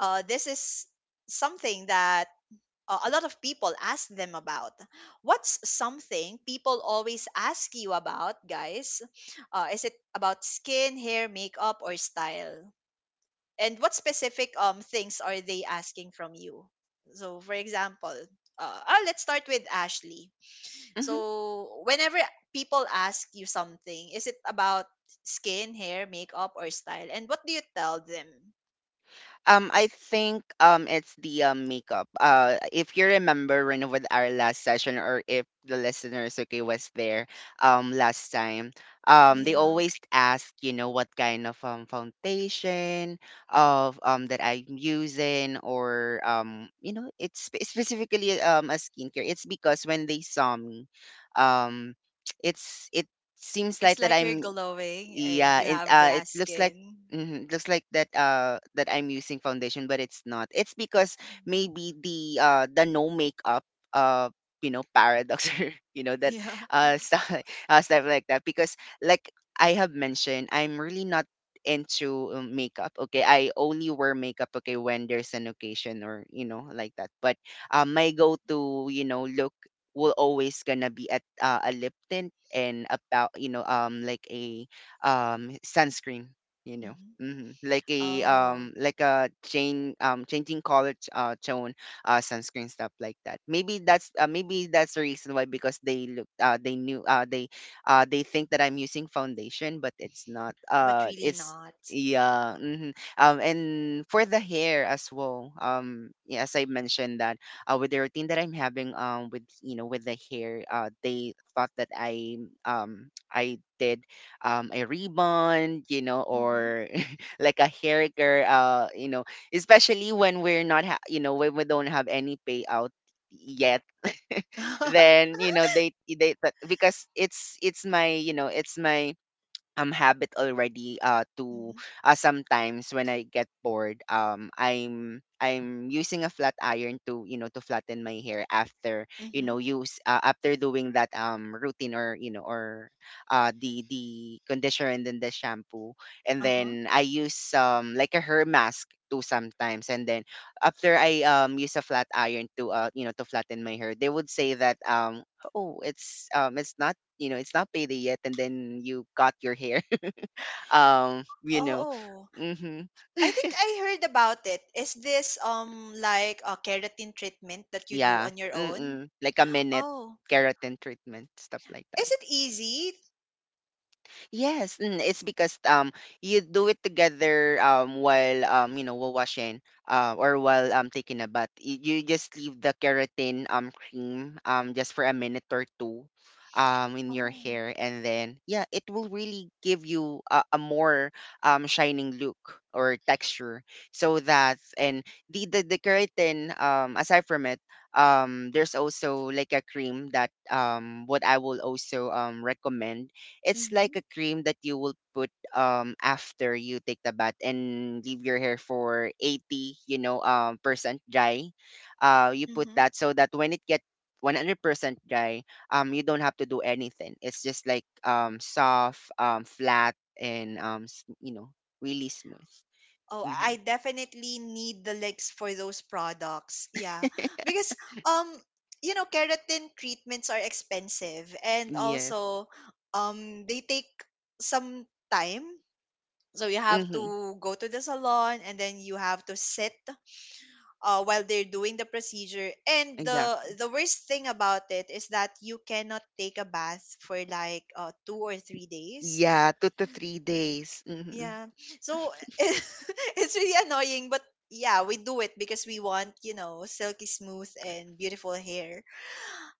this is something that a lot of people ask them about. What's something people always ask you about, guys? Is it about skin, hair, makeup, or style? And what specific things are they asking from you? So, for example, let's start with Ashley. So whenever people ask you something, is it about skin, hair, makeup, or style? And what do you tell them?
I think it's the, makeup. If you remember when, with our last session, or if the listeners, okay, was there last time, they
Yeah.
always ask, what kind of foundation of, that I'm using, or it's specifically a skincare. It's because when they saw me, um, *tsk* it's it seems
It's
like that
like you're
I'm...
glowing and
yeah,
you have
it
glass
looks like
skin.
mhm, it looks like that that I'm using foundation, but it's not. It's because
Mhm.
maybe the no makeup, uh paradox, *laughs* or,
*laughs*
that
Yeah.
stuff, *laughs* stuff like that. Because, like I have mentioned, I'm really not into, makeup. Okay, I only wear makeup, okay, when there's an occasion, or, like that. But, my go-to, look will always gonna be at a lip tint, and about, like a, sunscreen,
Mhm.
like a
Oh,
um like a chain changing color tone, sunscreen, stuff like that. Maybe that's the reason why, because they look they knew they think that I'm using foundation, but it's not.
but really
It's...
not.
Yeah. Hmm. And for the hair as well, yeah, as I mentioned that, with the routine that I'm having, with you know with the hair, they thought that I did, a ribbon,
Mm-hmm.
or *laughs* like a hair care, especially when we're not ha- you know when we don't have any payout yet.
*laughs*
Then, they but because it's my, it's my habit already, to...
Mhm.
sometimes when I get bored, I'm using a flat iron to, to flatten my hair. After, you
Mm-hmm.
know use after doing that routine, or, or, the conditioner and then the shampoo, and
Uh-huh.
then I use, like, a hair mask too, sometimes. And then, after I use a flat iron to, to flatten my hair, they would say that, oh, it's not, it's not payday yet, and then you got your hair. *laughs* um you know
Oh,
mhm.
I think
*laughs*
I heard about it. Is this like a keratin treatment that you do
Yeah.
on your own?
Mm-mm, like a minute
Oh.
keratin treatment, stuff like that.
Is it easy?
Yes, and it's because, you do it together while you know while washing, or while, taking a bath. You just leave the keratin cream, just for a minute or two, in your
Oh.
hair. And then, yeah, it will really give you a more shining look or texture. So that. And the keratin, aside from it, there's also like a cream that, what I will also recommend. It's like
Mm-hmm.
a cream that you will put after you take the bath, and leave your hair for 80, percent dry. You put
Mm-hmm.
that so that when it get 100% dry, you don't have to do anything. It's just like, soft, flat, and really smooth.
Oh,
Mm-hmm.
I definitely need the links for those products. Yeah. Because um you know, keratin treatments are expensive, and
Yes.
also they take some time. So you have
Mm-hmm.
to go to the salon and then you have to sit, while they're doing the procedure. And the
Exactly.
worst thing about it is that you cannot take a bath for like, 2 or 3 days.
Yeah, 2 to 3 days. Mm-hmm.
Yeah. So *laughs* it's really annoying, but yeah, we do it because we want, you know, silky smooth and beautiful hair.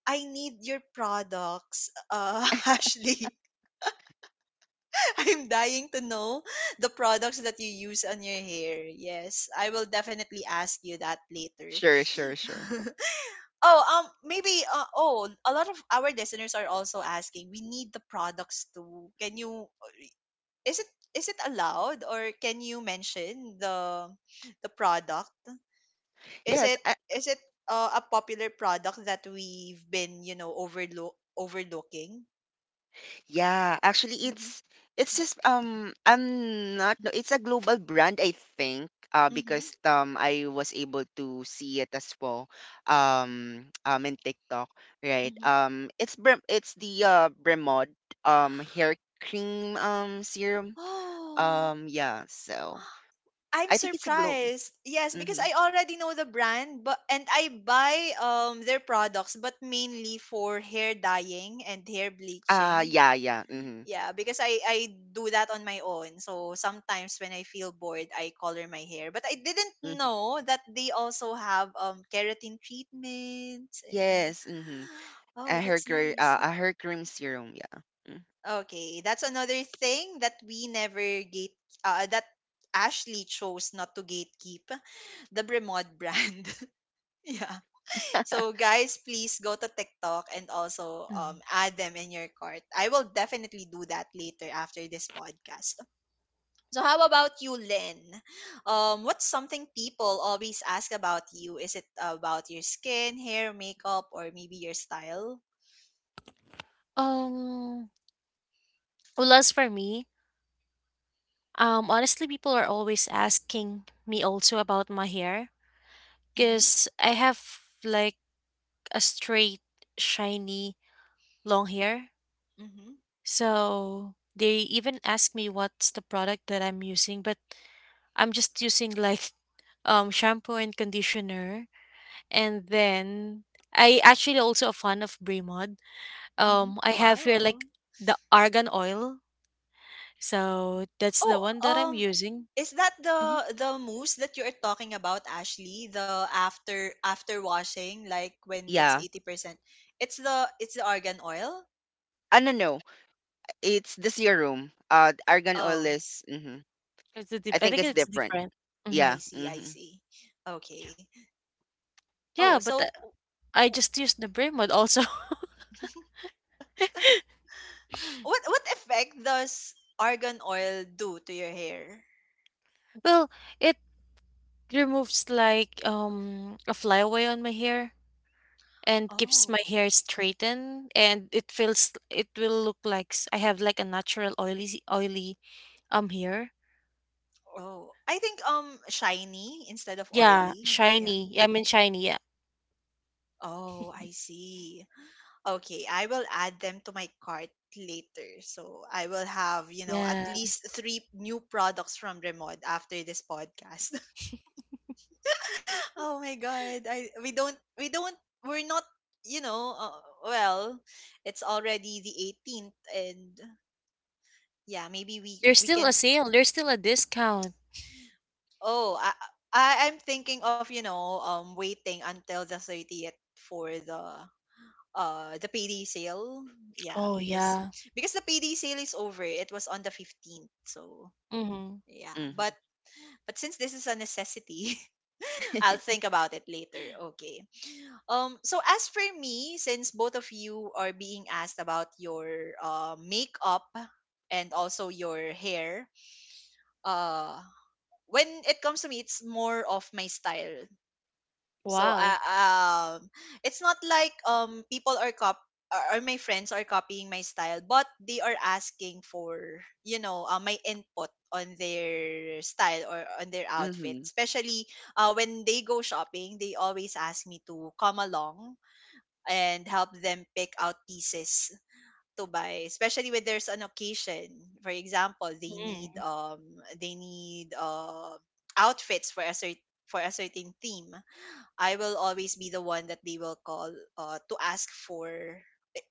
I need your products, *laughs* Ashley. *laughs* I'm dying to know the products that you use on your hair. Yes, I will definitely ask you that later.
Sure, sure, sure.
*laughs* Oh, maybe. Oh, a lot of our listeners are also asking. We need the products too. Can you, is it, is it allowed, or can you mention the product? Is
Yes.
it is it a popular product that we've been, you know, overlooking?
Yeah, actually,
Mm-hmm.
it's just, I'm not, no, it's a global brand, I think,
Mm-hmm.
because, I was able to see it as well, *tsk* in TikTok, right?
Mm-hmm. *gasps*
It's Brem it's the, Bremod hair cream, serum.
Oh,
Yeah, so.
I'm
I think it's a globe.
surprised. Yes, because
Mm-hmm.
I already know the brand, but and I buy their products, but mainly for hair dyeing and hair bleaching.
Yeah, yeah. Mm-hmm.
Yeah, because I do that on my own. So sometimes when I feel bored, I color my hair. But I didn't
Hmm.
know that they also have keratin treatments, and
Yes. Mm-hmm.
*gasps* oh,
A
that's nice.
a hair cream serum. Yeah. Mm.
Okay, that's another thing that we never gate that Ashley chose not to gatekeep, the Bremod brand. *laughs* Yeah.
*laughs*
So guys, please go to TikTok and also
Mhm.
add them in your cart. I will definitely do that later after this podcast. So how about you, Lynn? What's something people always ask about you? Is it about your skin, hair, makeup, or maybe your style?
Um, well, as for me, honestly, people are always asking me also about my hair
Mm-hmm.
because I have like a straight, shiny, long hair.
Mm-hmm.
So they even ask me what's the product that I'm using, but I'm just using like *laughs* shampoo and conditioner, and then I actually also a fan of Bremod.
Mm-hmm.
I have
Wow.
here like the argan oil. So that's the
Oh,
one that I'm
um,
using.
is that
hmm.
the mousse that you're talking about, Ashley? The after washing, like when it's
Yeah,
80%. It's the argan oil.
I don't know. It's the serum. Argan oil
Oh,
is... Hmm. I
I
think
think
it's
um,
it's
different.
different. hmm.
I
Yeah.
see, I
Mm-hmm.
see. Okay. Oh,
Yeah, but
so
I just used the brain mode also. *laughs*
*laughs* what effect does argan oil do to your hair?
Well, it removes like a flyaway on my hair and keeps my
Oh.
hair straightened and it feels it will look like I have like a natural oily oily hair.
Oh. I think shiny instead of
Yeah,
oily. Yeah.
shiny. I mean shiny. Yeah.
Oh, I
*laughs*
see. Okay, I will add them to my cart later. So I will have, you know, at least
Yes.
3 new products from Remod after this podcast. *laughs* Oh my god. I we don't we're not, you know, well, it's already the 18th, and yeah, maybe
There's
we
still a
can.
sale. There's still a discount.
Oh, I I'm thinking of, you know, waiting until the 30th for the PD sale. Yeah,
Oh yeah.
because the PD sale is over. It was on the 15th. So,
Mm-hmm.
yeah.
Mm-hmm.
But since this is a necessity, *laughs* I'll think
*laughs*
about it later. Okay. Um, so as for me, since both of you are being asked about your makeup and also your hair, uh when it comes to me, it's more of my style. So
Wow.
it's not like people are cop or my friends are copying my style, but they are asking for, you know, my input on their style or on their outfit.
Mm-hmm.
Especially when they go shopping, they always ask me to come along and help them pick out pieces to buy. Especially when there's an occasion, for example, they need
Mm.
outfits for a certain theme. I will always be the one that they will call, to ask for,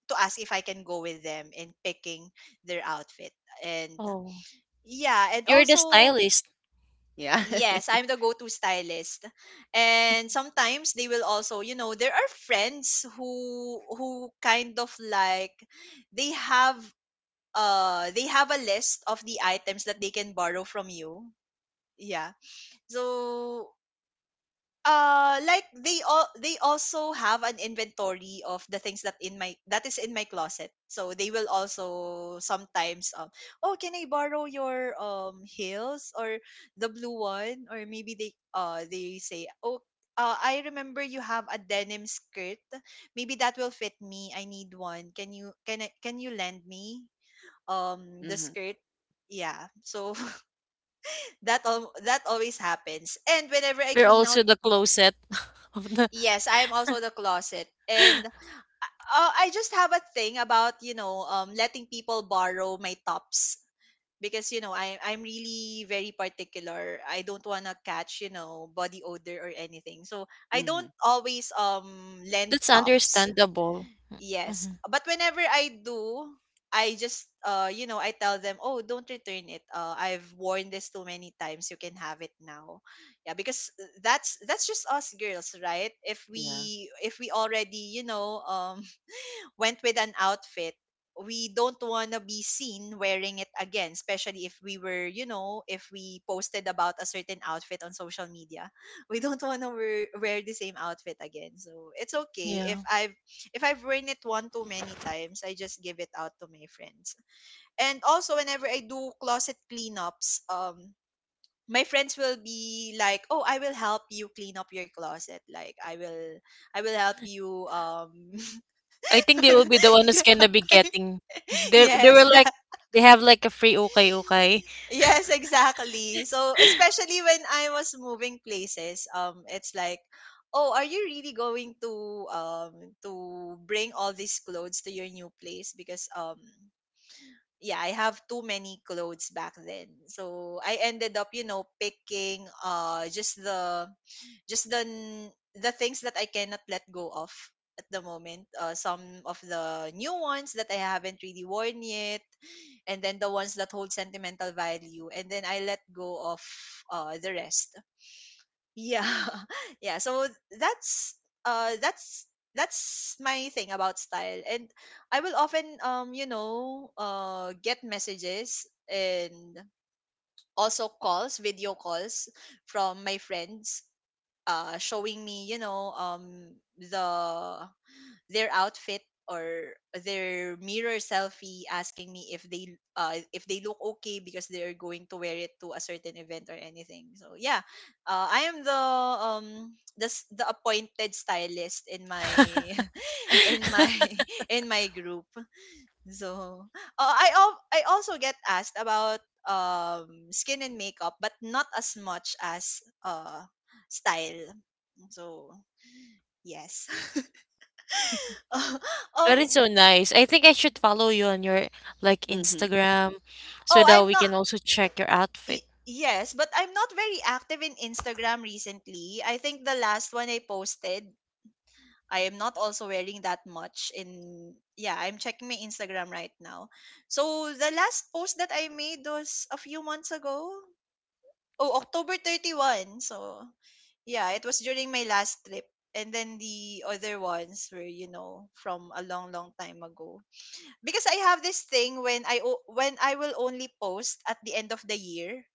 to ask if I can go with them in picking their outfit. And
Oh,
yeah, and
you're the
also,
stylist.
Yeah.
yes,
*laughs*
I'm the go-to stylist. And sometimes they will also, you know, there are friends who kind of like they have they have a list of the items that they can borrow from you. Yeah. So they also have an inventory of the things that in my that is in my closet, so they will also sometimes oh, can I borrow your heels or the blue one? Or maybe they say, oh I remember you have a denim skirt. Maybe that will fit me. I need one. Can you lend me the
Mm-hmm.
skirt? Yeah. So *laughs* that always happens. And whenever I
You're
clean out.
also the closet *laughs* of the.
Yes, I am also the closet. And I just have a thing about, you know, letting people borrow my tops because, you know, I'm really very particular. I don't want to catch, you know, body odor or anything. So I
Mm-hmm.
don't always lend
That's
tops.
understandable.
Yes.
Mm-hmm.
But whenever I do, I just you know, I tell them, "Oh, don't return it. Uh, I've worn this too many times. You can have it now." Yeah, because that's just us girls, right? If
Yeah.
we if we already, you know, went with an outfit, we don't want to be seen wearing it again, especially if we were, you know, if we posted about a certain outfit on social media. *laughs* We don't want to wear the same outfit again. So it's okay if
Yeah.
I've worn it one too many times, I just give it out to my friends. And also whenever I do closet cleanups, my friends will be like, "Oh, I will help you clean up your closet. Like I will help you um."
I think they will be the one who's gonna be getting.
*laughs*
They
Yes,
were like
that,
they have like a free okay okay.
yes, exactly. So
*laughs*
especially when I was moving places, it's like, oh, are you really going to bring all these clothes to your new place? Because yeah, I have too many clothes back then. So I ended up, you know, picking just the the things that I cannot let go of at the moment. Some of the new ones that I haven't really worn yet, and then the ones that hold sentimental value, and then I let go of the rest. Yeah, *laughs* yeah. So that's uh that's that's my thing about style. And I will often you know get messages and also calls, video calls from my friends showing me, you know, the their outfit or their mirror selfie, asking me if they look okay because they're going to wear it to a certain event or anything. So yeah, I am the um the appointed stylist in my *laughs* in my *laughs* in my group. So, oh, I also get asked about skin and makeup, but not as much as style. So, yes. *laughs*
That is
um
so nice. I think I should follow you on your like
Mm-hmm.
Instagram so
oh,
that
I'm
we
not
can also check your outfit.
yes, but I'm not very active in Instagram recently. I think the last one I posted, I am not also wearing that much in. Yeah, I'm checking my Instagram right now. So, the last post that I made was a few months ago. Oh, October 31. So, yeah, it was during my last trip. And then the other ones were, you know, from a long, long time ago. Because I have this thing when when I will only post at the end of the year.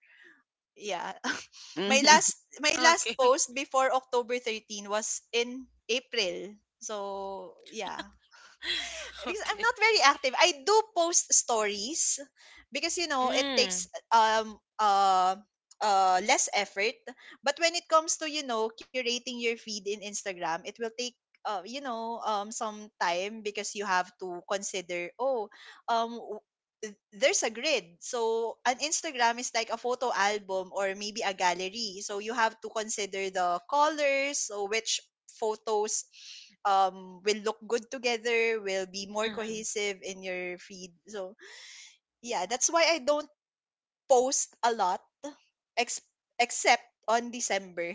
Yeah. *laughs* my
Mm-hmm.
last
*laughs*
my last
Okay.
post before October 13 was in April. So, yeah,
*laughs*
because I'm
Okay.
not very active. I do post stories because, you know, it takes
Mm.
um uh less effort. But when it comes to, you know, curating your feed in Instagram, it will take you know some time because you have to consider, oh, um, there's a grid. So an Instagram is like a photo album or maybe a gallery. So you have to consider the colors, so which photos will look good together, will be more
mhm.
cohesive in your feed. So yeah, that's why I don't post a lot ex- except on December.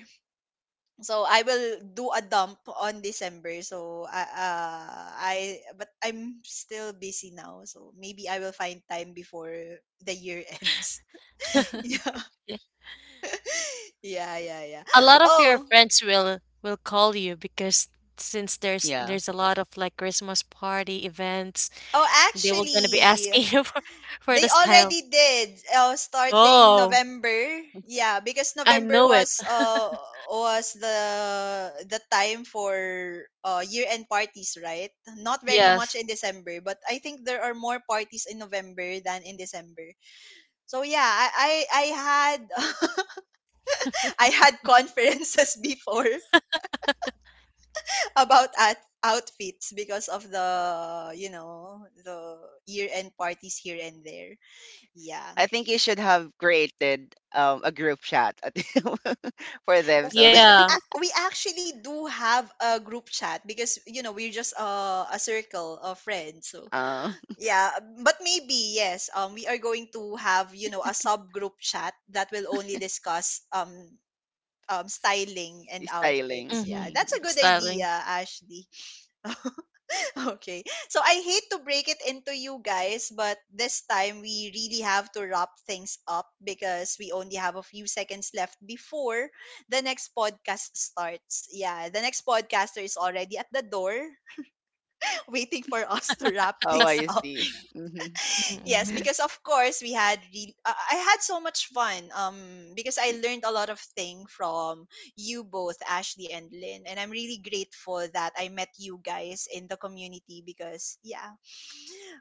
So I will do a dump on December. So I but I'm still busy now. So maybe I will find time before the year *laughs* ends. Yeah.
Yeah.
Yeah, yeah, yeah.
A lot of your
Oh,
friends will call you because since there's
Yeah.
there's a lot of like Christmas party events,
oh
they were gonna be
actually,
asking *laughs* you for
they
the style.
already did starting
Oh,
November. Yeah, because
I
November
know it.
was the time for year-end parties, right? Not very much
Yes.
in December, but I think there are more parties in November than in December. So yeah, I had *laughs* I had conferences *laughs* before about at outfits because of the you know the year-end parties here and there. Yeah.
I think you should have created a group chat, *laughs* for them, so
We
that.
Yeah.
we actually do have a group chat because, you know, we're just a circle of friends. So
*laughs* um
yeah, but maybe yes, um, we are going to have, you know, a subgroup chat that will only discuss styling and
Styling.
outfits.
Mm-hmm.
Yeah, that's
Mm-hmm.
a good
Styling.
idea, Ashley. *laughs* Okay. So I hate to break it into you guys, but this time we really have to wrap things up because we only have a few seconds left before the next podcast starts. Yeah, the next podcaster is already at the door *laughs* waiting for us to wrap
Oh,
things
I
up.
see. Mm-hmm.
Yes,
Mm-hmm.
because of course I had so much fun because I learned a lot of thing from you both, Ashley and Lynn, and I'm really grateful that I met you guys in the community because yeah,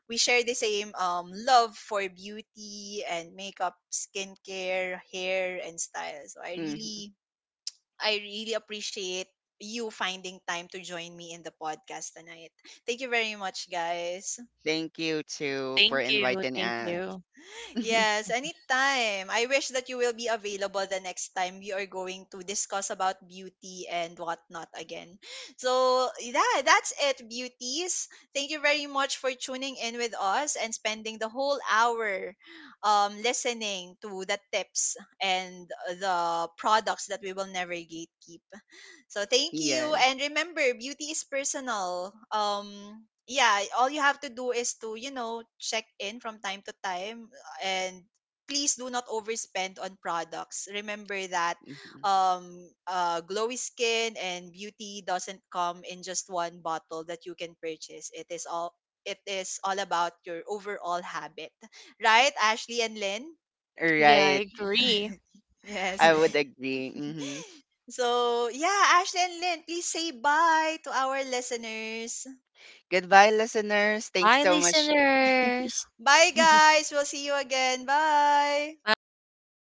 we share the same love for beauty and makeup, skincare, hair, and style. So
Mm-hmm.
I really appreciate you finding time to join me in the podcast tonight. Thank you very much, guys.
Thank you too for
Thank you.
inviting
Thank
us.
you.
*laughs*
Yes, anytime. I wish that you will be available the next time we are going to discuss about beauty and whatnot again. So, yeah, that's it, beauties. Thank you very much for tuning in with us and spending the whole hour listening to the tips and the products that we will never gatekeep. So, thank you.
Yes.
And remember, beauty is personal. Yeah, all you have to do is to, you know, check in from time to time and please do not overspend on products. Remember that
Mm-hmm.
glowy skin and beauty doesn't come in just one bottle that you can purchase. It is all about your overall habit, right, Ashley and Lynn?
Yeah, I
Right.
agree.
*laughs* Yes.
I would
*laughs*
agree. Mm-hmm.
So, yeah, Ashley and Lynn, please say bye to our listeners.
Goodbye, listeners. Thanks
Bye,
so much.
listeners.
Bye,
*laughs*
guys. We'll see you again. Bye.
Bye.